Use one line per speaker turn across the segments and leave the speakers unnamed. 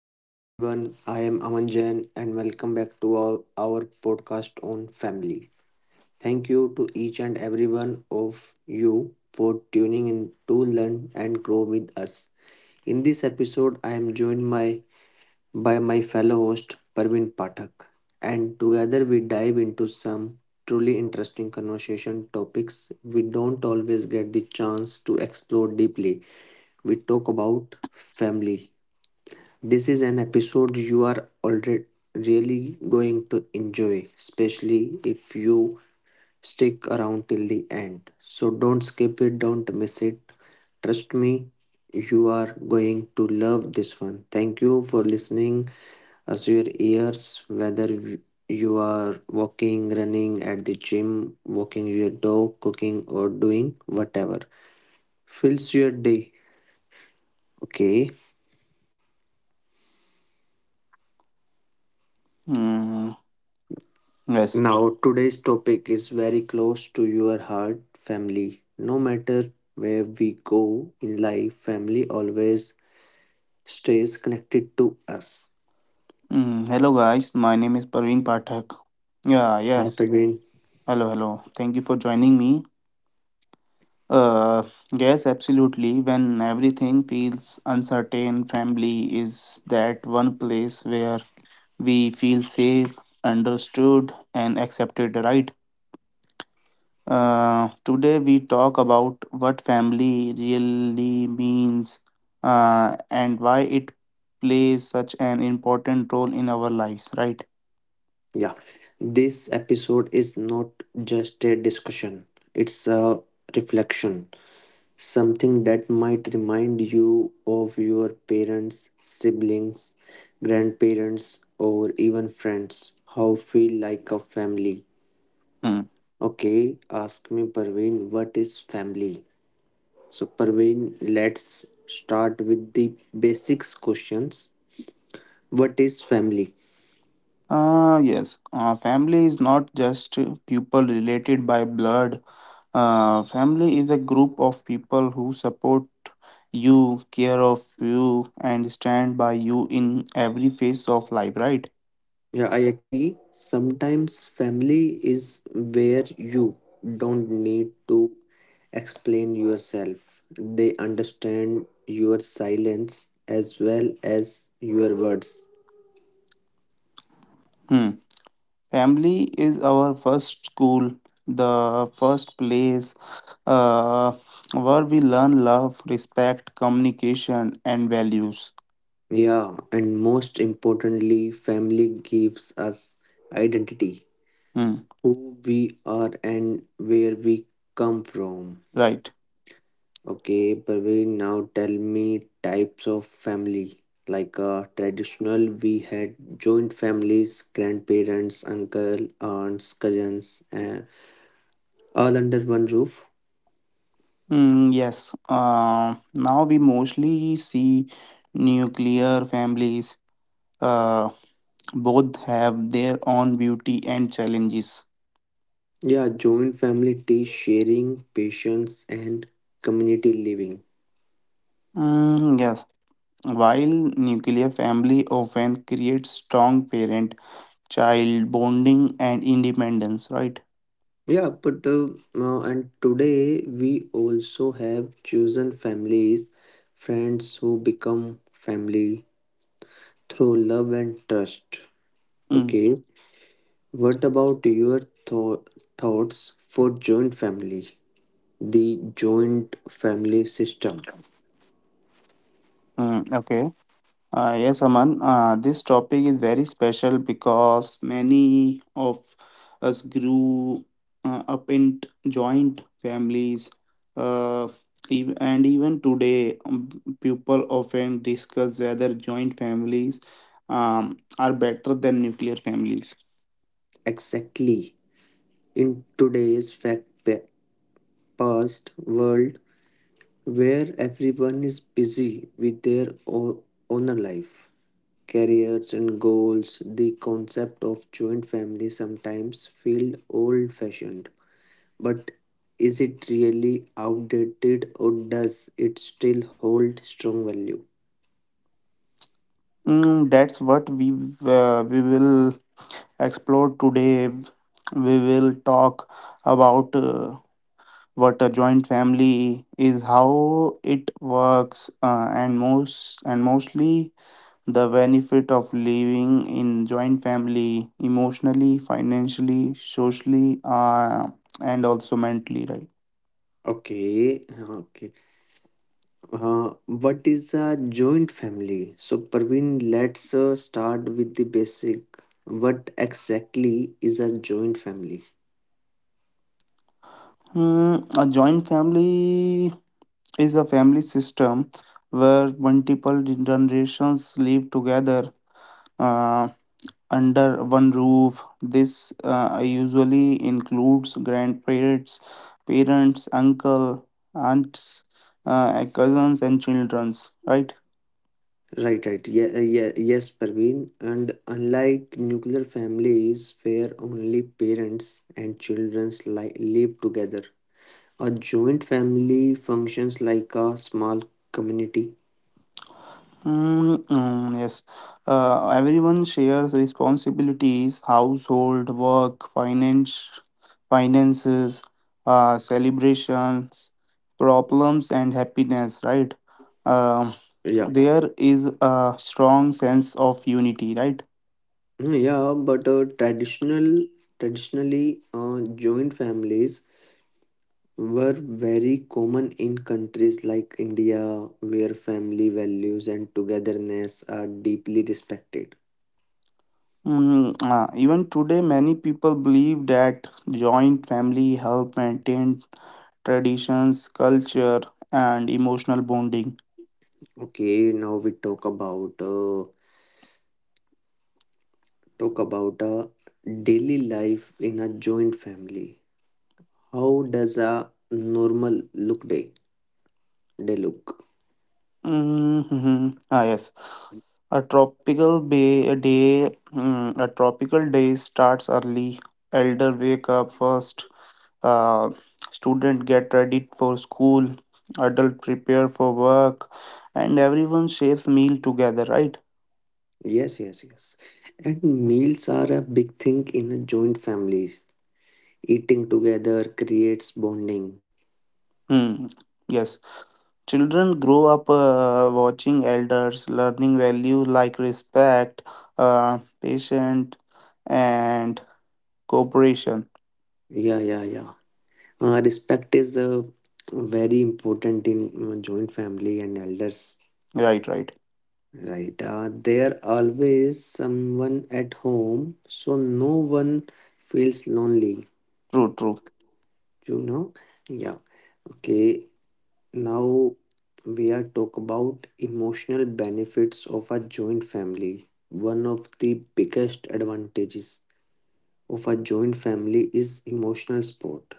Hello everyone, I am Aman Jain and welcome back to our podcast on family. Thank you to each and every one of you for tuning in to learn and grow with us. In this episode, I am joined by my fellow host Parvin Pathak and together we dive into some truly interesting conversation topics we don't always get the chance to explore deeply. We talk about family, this is an episode you are already really going to enjoy, especially if you stick around till the end. So don't skip it, don't miss it. Trust me, you are going to love this one. Thank you for listening as your ears, whether you are walking, running at the gym, walking your dog, cooking, or doing whatever fills your day. Okay.
Hmm. Yes.
Now, today's topic is very close to your heart, family. No matter where we go in life, family always stays connected to us.
Hmm. Hello, guys. My name is Parveen Pathak. Yeah.
Hi,
Yes.
Praveen.
Hello. Hello. Thank you for joining me. Uh. Yes. Absolutely. When everything feels uncertain, family is that one place where we feel safe, understood, and accepted. Right. Today we talk about what family really means. And why it plays such an important role in our lives. Right.
Yeah. This episode is not just a discussion, it's a reflection. Something that might remind you of your parents, siblings, grandparents, or even friends. How feel like a family.
Hmm.
Okay, ask me Parveen, what is family? So Parveen, let's start with the basics questions. What is family?
Yes, family is not just people related by blood. Family is a group of people who support you, care of you, and stand by you in every phase of life, right?
Yeah, I agree. Sometimes family is where you don't need to explain yourself. They understand your silence as well as your words.
Hmm. Family is our first school, the first place uh, where we learn love, respect, communication, and values.
Yeah, and most importantly, family gives us identity.
Hmm.
Who we are and where we come from.
Right.
Okay, Praveen, now tell me types of family. Like traditional, we had joint families, grandparents, uncle, aunts, cousins, and all under one roof.
Mm, yes. Now we mostly see nuclear families. Uh, both have their own beauty and challenges.
Yeah, joint family teach sharing, patience, and community living.
Mm, yes. While nuclear family often creates strong parent-child bonding and independence, right?
Yeah, but now and today we also have chosen families, friends who become family, through love and trust.
Mm,
Okay, what about your tho- thoughts for joint family? The joint family system.
mm, okay. Yes, Aman, this topic is very special because many of us grew up in joint families, uh, and even today, people often discuss whether joint families are better than nuclear families.
Exactly. In today's past world where everyone is busy with their own life, careers and goals, the concept of joint family sometimes feel old fashioned. But is it really outdated or does it still hold strong value?
That's what we we will explore today. We will talk about what a joint family is, how it works, and mostly the benefit of living in joint family emotionally, financially, socially, and also mentally, right?
Okay. What is a joint family? So, Parveen, let's start with the basic. What exactly is a joint family?
A joint family is a family system where multiple generations live together. Uh, under one roof. This usually includes grandparents, parents, uncle, aunts, cousins, and childrens. Right?
Right, right. Yeah, yes, Parveen. And unlike nuclear families where only parents and children live together, a joint family functions like a small community.
Mm, mm, yes. Everyone shares responsibilities, household work, finances, celebrations, problems, and happiness. Right? Um
Yeah.
there is a strong sense of unity. Right?
Yeah, but traditionally joint families were very common in countries like India, where family values and togetherness are deeply respected.
Even today, many people believe that joint family help maintain traditions, culture, and emotional bonding.
Okay, now we talk about a daily life in a joint family. How does a normal look day day look?
Mm-hmm. Ah, yes. A tropical day starts early. Elder wake up first. Uh, student get ready for school. Adult prepare for work, and everyone shapes meal together. Right.
Yes, yes, yes. And meals are a big thing in a joint families. Eating together creates bonding.
Hmm. Yes. Children grow up watching elders, learning values like respect, patience, and cooperation.
Yeah, yeah, yeah. Respect is very important in joint family and elders.
Right, right.
Right. There always someone at home, so no one feels lonely.
True, true.
You know. Yeah. Okay. Now we are talk about emotional benefits of a joint family. One of the biggest advantages of a joint family is emotional support.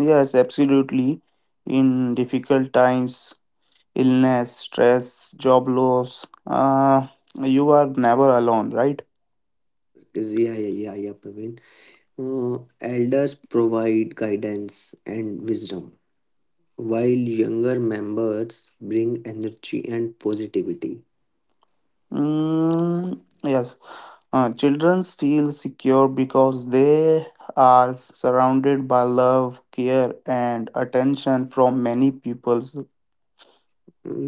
Yes, absolutely. In difficult times, illness, stress, job loss, you are never alone, right?
Yeah, yeah, yeah, yeah, Praveen. Elders provide guidance and wisdom, while younger members bring energy and positivity.
Mm, yes, children feel secure because they are surrounded by love, care, and attention from many people.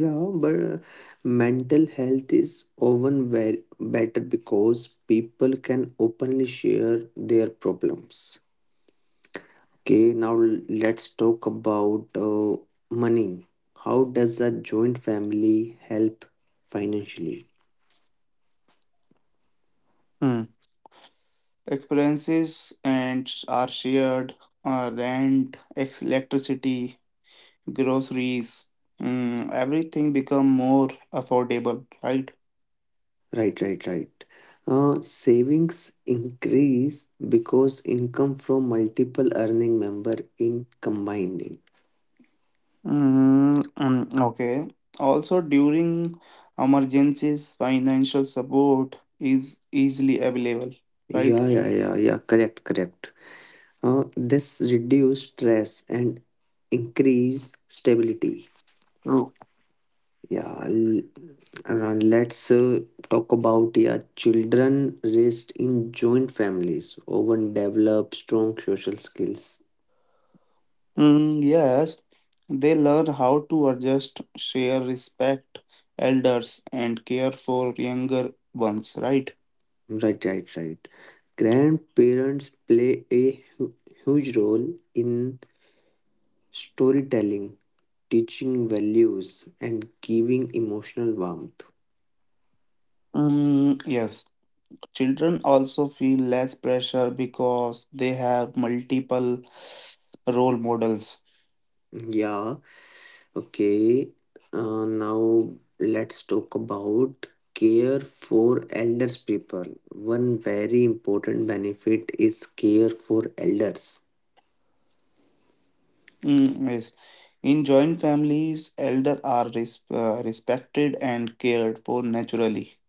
Yeah, but mental health is often very better because people can openly share their problems. Okay, now let's talk about money. How does a joint family help financially?
Hmm. Experiences and are shared, rent, electricity, groceries, everything become more affordable, right?
Right, right, right. Savings increase because income from multiple earning member in combining.
Mhm, mm, okay. Also, during emergencies, financial support is easily available, right?
Yeah, yeah, yeah, yeah. Correct, correct. This reduce stress and increase stability.
True.
Yeah, l- let's talk about, yeah, children raised in joint families often develop strong social skills.
Mm, yes, they learn how to adjust, share, respect elders, and care for younger ones, right?
Right, right, right. Grandparents play a huge role in storytelling, teaching values, and giving emotional warmth.
Mm, yes. Children also feel less pressure because they have multiple role models.
Yeah. Okay, now let's talk about care for elders people. One very important benefit is care for elders.
Mm, yes. In joint families, elder are respected and cared for naturally.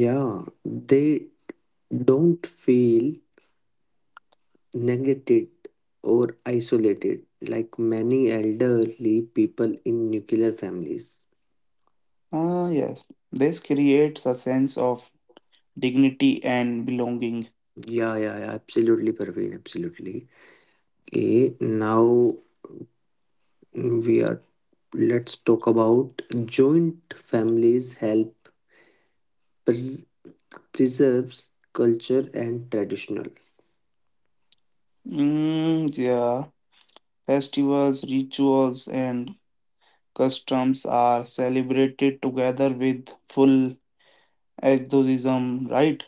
Yeah, they don't feel neglected or isolated like many elderly people in nuclear families.
Ah, yes. This creates a sense of dignity and belonging.
Yeah, yeah, yeah, absolutely, Praveen, absolutely. Okay, now we are let's talk about joint families help pres- preserves culture and traditional.
Mm, yeah. Festivals, rituals, and customs are celebrated together with full enthusiasm, right?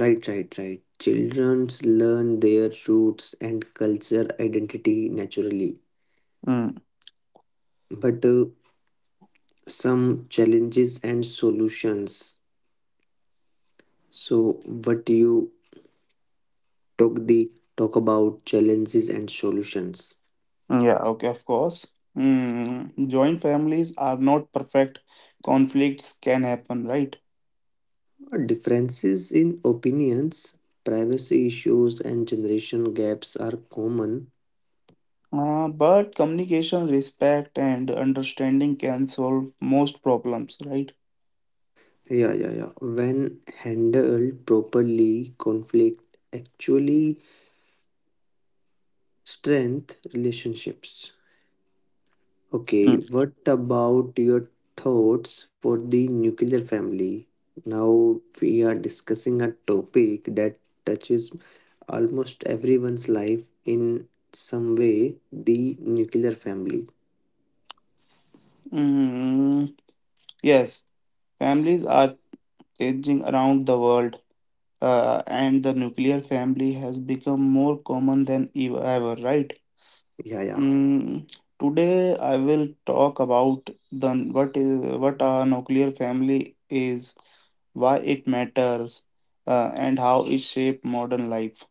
Right, right, right, children learn their roots and culture identity naturally.
Mm,
But some challenges and solutions, so what you talk the talk about challenges and solutions,
yeah, okay, of course. Joint families are not perfect. Conflicts can happen, right?
differences in opinions, privacy issues and generation gaps are common.
But communication, respect, and understanding can solve most problems, right?
Yeah, yeah, yeah. When handled properly, conflict actually strength relationships. Okay,
Mm.
what about your thoughts for the nuclear family? Now we are discussing a topic that touches almost everyone's life in some way, the nuclear family.
Mm, yes, families are changing around the world, and the nuclear family has become more common than ever, right?
Yeah, yeah.
Mm, today, I will talk about the what is what a nuclear family is, why it matters, and how it shaped modern life.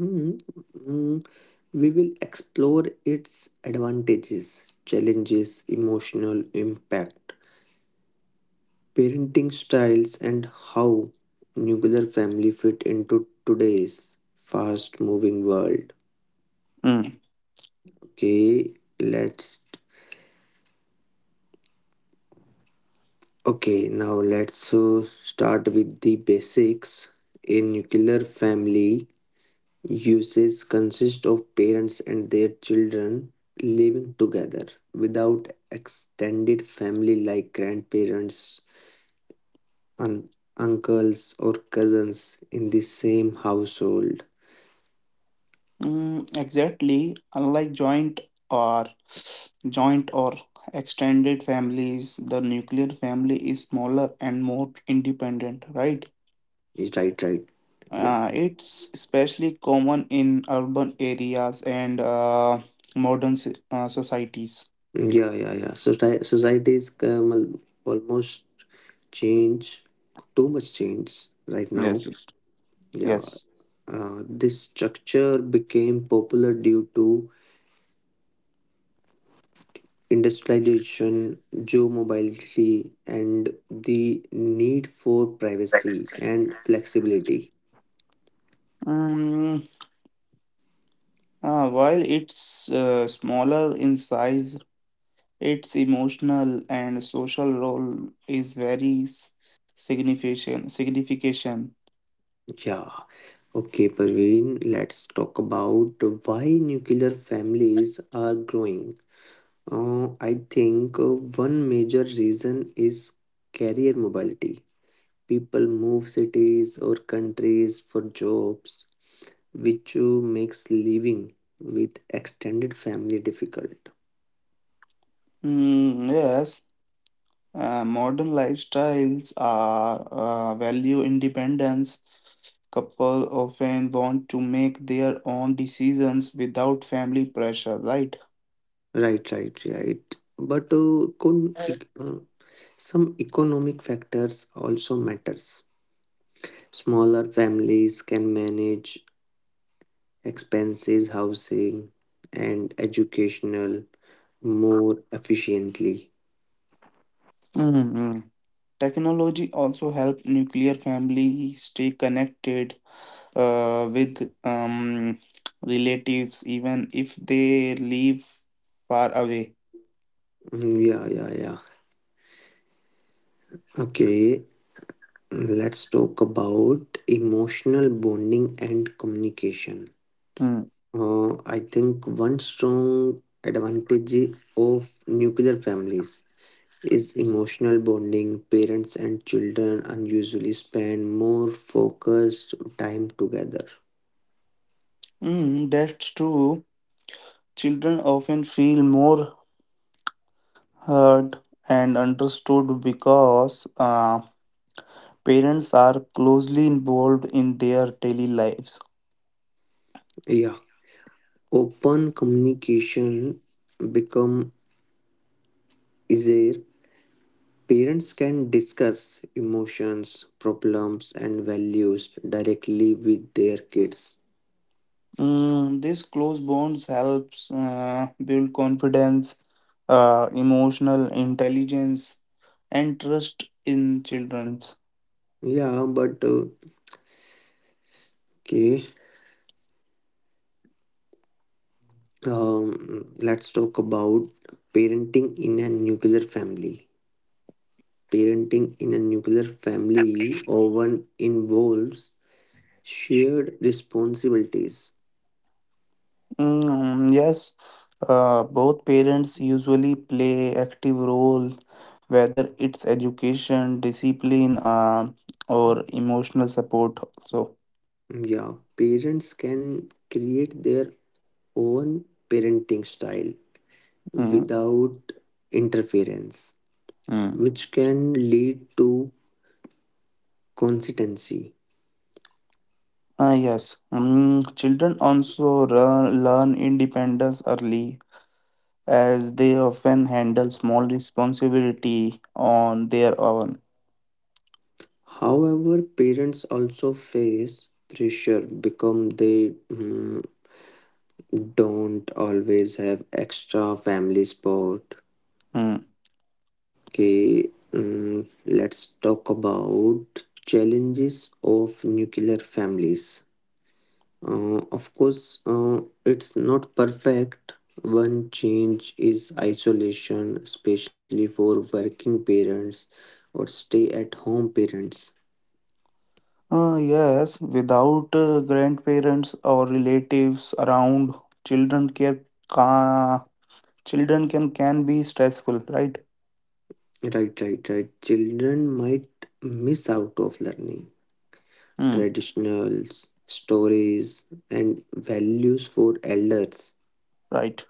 Mhm, mhm. We will explore its advantages, challenges, emotional impact, parenting styles, and how nuclear family fit into today's fast moving world.
Mm.
Okay, let's okay, now let's start with the basics. A nuclear family usage consists of parents and their children living together without extended family like grandparents, un- uncles, or cousins in the same household.
Mm, exactly. Unlike or joint or extended families, the nuclear family is smaller and more independent, right?
Right, right. Yeah.
It's especially common in urban areas and modern societies.
Yeah, yeah, yeah. Societies almost change, too much change right now.
Yes.
Yeah,
Yes.
this structure became popular due to industrialization, geomobility, and the need for privacy
Yes.
and flexibility.
Mm, while it's smaller in size, its emotional and social role is very signification.
Yeah, okay, Parveen, let's talk about why nuclear families are growing. I think one major reason is career mobility. People move cities or countries for jobs, which makes living with extended family difficult.
Mm, yes, modern lifestyles are value independence. Couple often want to make their own decisions without family pressure, right?
Right, right, right. But some economic factors also matters. Smaller families can manage expenses, housing, and educational more efficiently.
Mhm. Technology also help nuclear family stay connected with relatives, even if they live far away.
Mm, yeah, yeah, yeah. Okay, let's talk about emotional bonding and communication.
Mm.
I think one strong advantage of nuclear families is emotional bonding. Parents and children unusually spend more focused time together.
Mm, that's true. Children often feel more heard and understood because parents are closely involved in their daily lives.
Yeah, open communication become easier. Parents can discuss emotions, problems, and values directly with their kids.
This close bonds helps build confidence, emotional intelligence, and trust in children.
Yeah, but okay. Let's talk about parenting in a nuclear family. Parenting in a nuclear family often involves shared responsibilities.
Mm, yes, both parents usually play active role, whether it's education, discipline, or emotional support. So,
Yeah, parents can create their own parenting style
mm,
without interference,
Mm.
which can lead to consistency.
Ah, yes, children also learn independence early, as they often handle small responsibility on their own.
However, parents also face pressure because they mm, don't always have extra family support.
Hmm.
Okay, mm, let's talk about challenges of nuclear families. Of course, it's not perfect. One change is isolation, especially for working parents or stay at home parents.
Ah, yes, without grandparents or relatives around, children care. Children can be stressful, right?
Right, right, right. Children might miss out of learning
Hmm,
traditionals, stories, and values for elders.
right.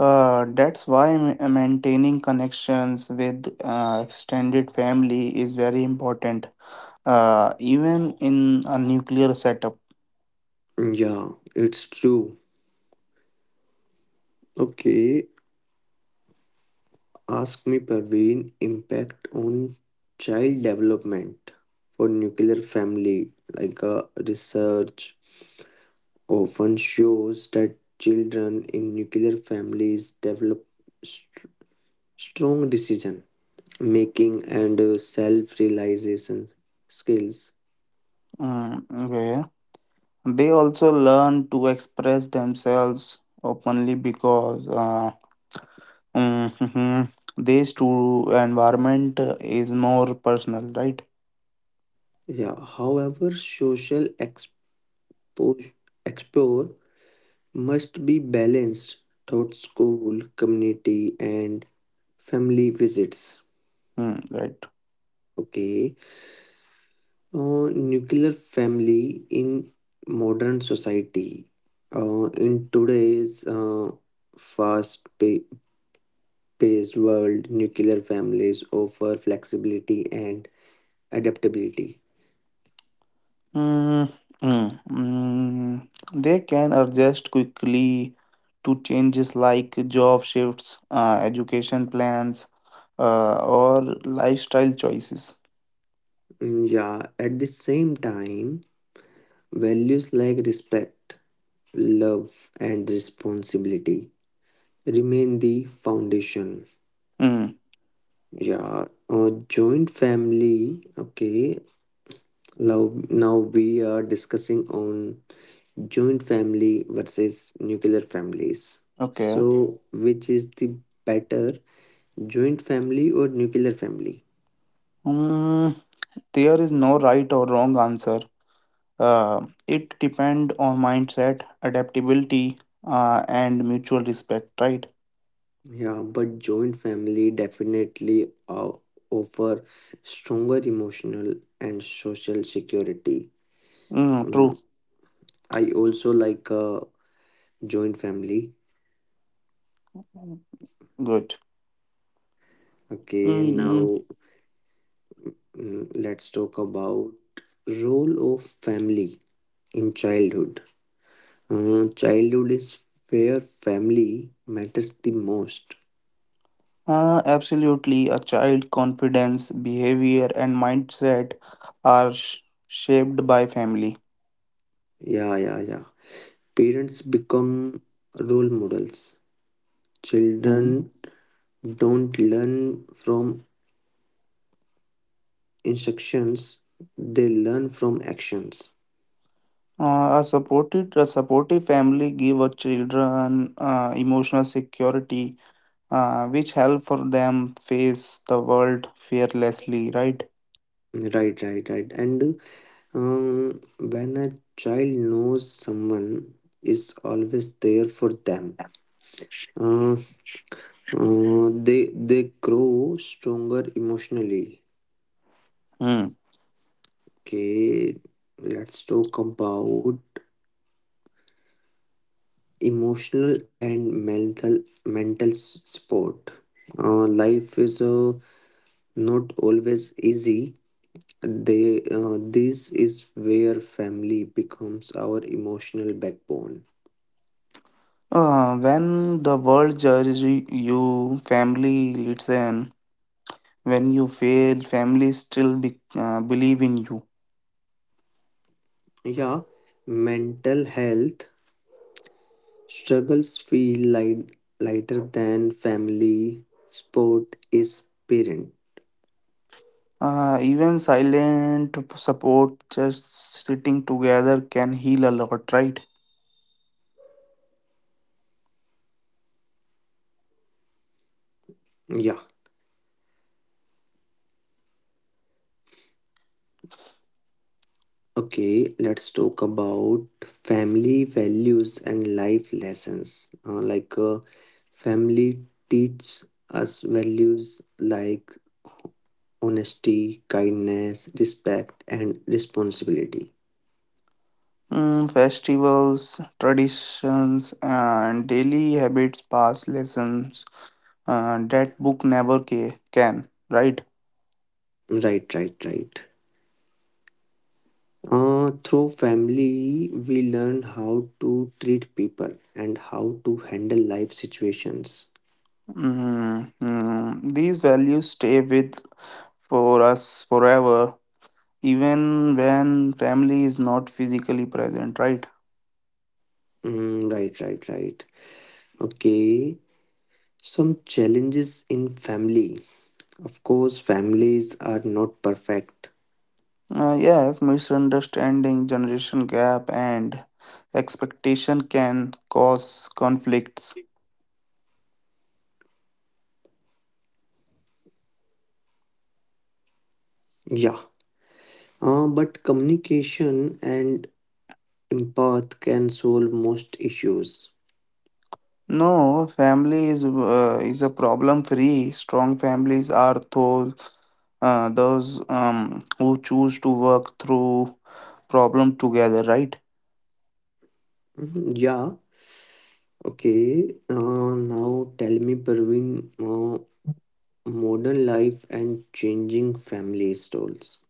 That's why maintaining connections with extended family is very important. Even in a nuclear setup.
Yeah, it's true. Okay, ask me, Parveen, impact on child development for nuclear family. Like research often shows that children in nuclear families develop st- strong decision making and self realization skills.
Mm, okay. They also learn to express themselves openly because mm, this to environment is more personal, right?
Yeah, however, social expo- explore must be balanced through school, community, and family visits.
Mm, right.
Okay, uh, nuclear family in modern society. In today's fast pa- paced world, nuclear families offer flexibility and adaptability.
Mm, mm, mm. They can adjust quickly to changes like job shifts, education plans, or lifestyle choices.
Mm, yeah, at the same time, values like respect, love, and responsibility remain the foundation.
Mm,
Yeah, a joint family. Okay, now we are discussing on joint family versus nuclear families.
okay.
So, which is the better, joint family or nuclear family?
Mm, there is no right or wrong answer. It depends on mindset, adaptability, and mutual respect, right?
Yeah, but joint family definitely offer stronger emotional and social security.
Mm, true.
Mm, I also like joint family.
Good.
Okay,
Mm,
now mm, let's talk about role of family in childhood. Childhood is where family matters the most.
absolutely. A child's confidence, behavior, and mindset are shaped by family.
Yeah, yeah, yeah. Parents become role models.
Mhm.
Children don't learn from instructions, they learn from actions.
A supportive family give a children emotional security, which help for them face the world fearlessly. Right.
Right, right, right. And when a child knows someone is always there for them, uh, they grow stronger emotionally.
Hmm.
Okay, let's talk about emotional and mental support. Life is not always easy. They, this is where family becomes our emotional backbone.
When the world judges you, family listen. When you fail, family still believe in you.
Yeah, mental health struggles feel light, lighter than family support is parent.
Even silent support, just sitting together can heal a lot, right?
Yeah. Okay, let's talk about family values and life lessons. Like, family teaches us values like honesty, kindness, respect, and responsibility.
Festivals, traditions, and daily habits pass lessons that book never can, right?
Right, right, right. Through family, we learn how to treat people and how to handle life situations.
Mm, mm. These values stay with for us forever, even when family is not physically present, right?
Mm, right, right, right. Okay, some challenges in family. Of course, families are not perfect.
Yes, misunderstanding, generation gap, and expectation can cause conflicts.
Yeah. But communication and empath can solve most issues.
No, family is a problem-free. Strong families are those who choose to work through problem together, right?
Mhm, yeah. Okay. Now tell me, Parveen, uh, modern life and changing family roles.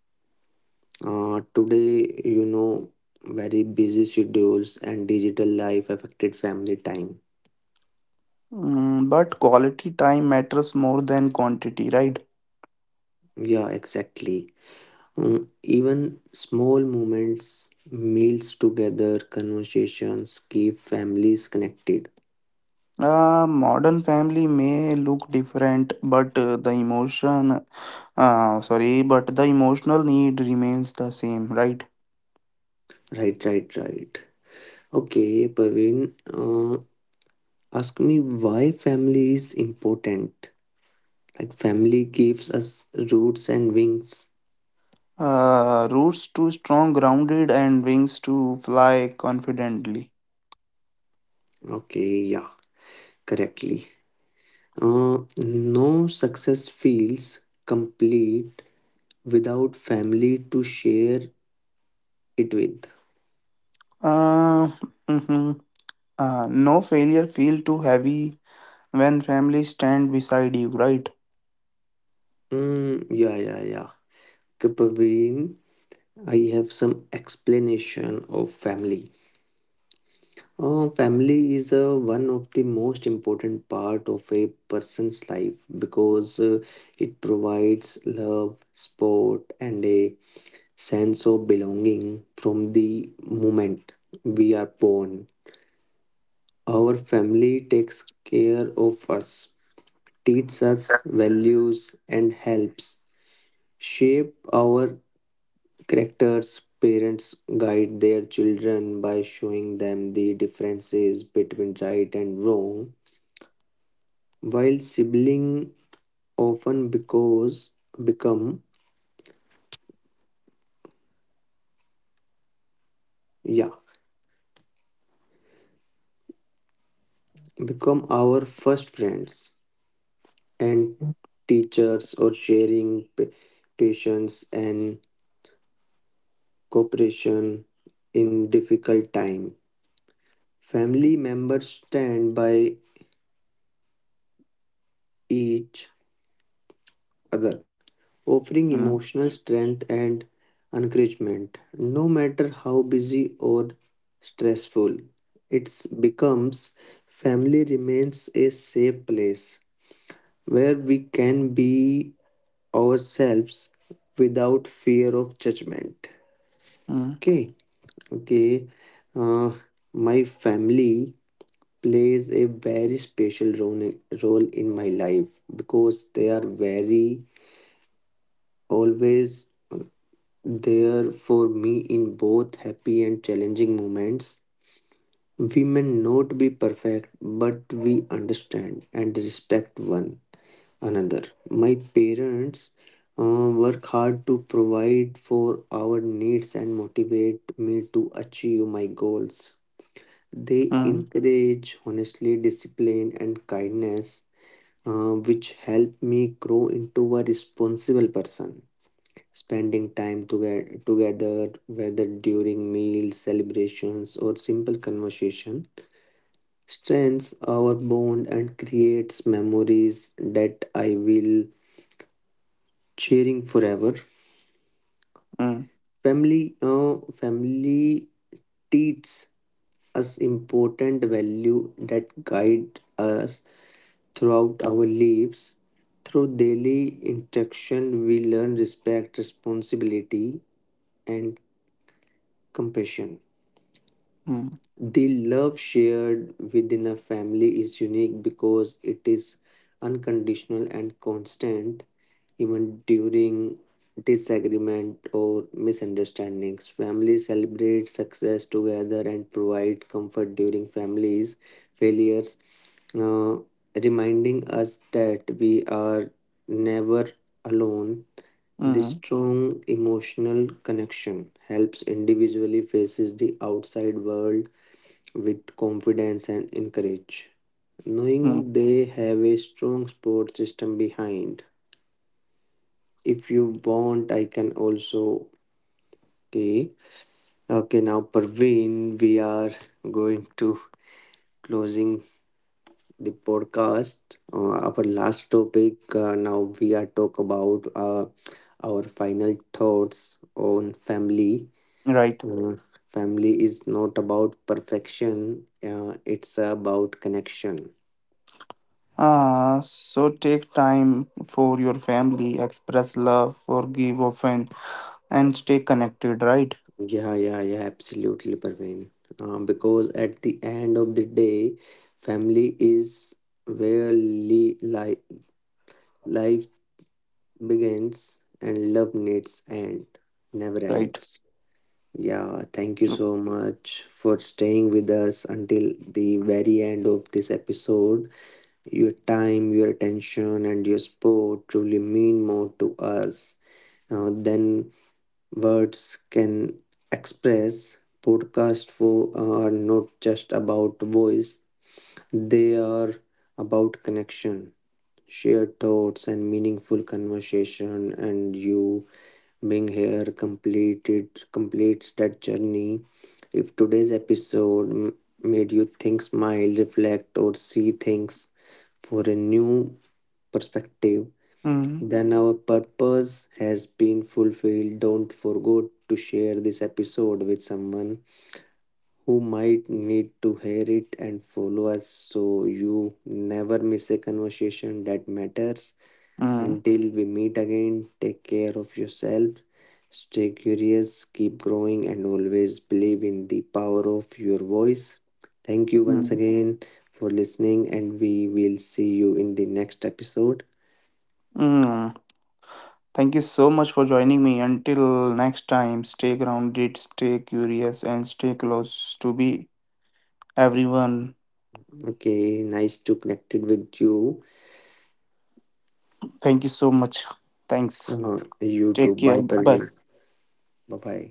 Today, you know, very busy schedules and digital life affected family time.
But quality time matters more than quantity, right?
Yeah, exactly. Mm, even small moments, meals together, conversations keep families connected.
Modern family may look different, but but the emotional need remains the same, right?
Right, right, right. Okay, Parveen, ask me why family is important. Like, family gives us roots and wings.
Roots too strong, grounded, and wings to fly confidently.
Okay, yeah, correctly. No success feels complete without family to share it with.
Uh, mhm. No failure feel too heavy when family stand beside you, right?
Mm, yeah, yeah, yeah. Okay, Parveen, I have some explanation of family. Family is one of the most important part of a person's life because it provides love, support, and a sense of belonging from the moment we are born. Our family takes care of us, teaches us values, and helps shape our characters' parents guide their children by showing them the differences between right and wrong, while siblings often because become yeah become our first friends and teachers or sharing pa- patience and cooperation in difficult time. Family members stand by each other offering
Mm,
emotional strength and encouragement. No matter how busy or stressful it becomes, family remains a safe place where we can be ourselves without fear of judgment.
mm,
Okay, okay. Uh, my family plays a very special role in my life because they are very always there for me in both happy and challenging moments. We may not be perfect, but we understand and respect one another. My parents work hard to provide for our needs and motivate me to achieve my goals. They
mm,
encourage honestly discipline and kindness, which help me grow into a responsible person. Spending time together, whether during meals, celebrations, or simple conversation, strengthens our bond and creates memories that I will cheering forever.
mm,
Family teaches us important value that guide us throughout our lives. Through daily interaction, we learn respect, responsibility, and compassion.
mm,
The love shared within a family is unique because it is unconditional and constant, even during disagreement or misunderstandings. Families celebrate success together and provide comfort during families' failures, uh, reminding us that we are never alone. This
mm,
strong emotional connection helps individually faces the outside world with confidence and encourage,
mm.
knowing they have a strong support system behind. If you want, I can also. Okay, okay. Now, Parveen, we are going to closing the podcast. Our last topic. Now we are talk about Our final thoughts on family.
Right.
Uh, family is not about perfection. It's about connection.
Ah, so take time for your family, express love, forgive often, and stay connected, right?
Yeah, yeah, yeah, absolutely, Parveen. Because at the end of the day, family is where li li life begins and love never
Right.
ends. Yeah, thank you
True.
so much for staying with us until the very end of this episode. Your time, your attention, and your support truly mean more to us than words can express. Podcasts for are not just about voice; they are about connection, shared thoughts, and meaningful conversation. And you being here completed completes that journey. If today's episode made you think, smile, reflect, or see things for a new perspective,
Mm-hmm.
then our purpose has been fulfilled. Don't forget to share this episode with someone who might need to hear it and follow us so you never miss a conversation that matters.
Mm,
Until we meet again, take care of yourself, stay curious, keep growing, and always believe in the power of your voice. Thank you once
mm,
again for listening, and we will see you in the next episode.
mm. Thank you so much for joining me. Until next time, stay grounded, stay curious, and stay close to be everyone.
Okay, nice to connected with you.
Thank you so much. Thanks.
You too.
Take care.
Bye,
Bye bye.
Parveen. Bye bye.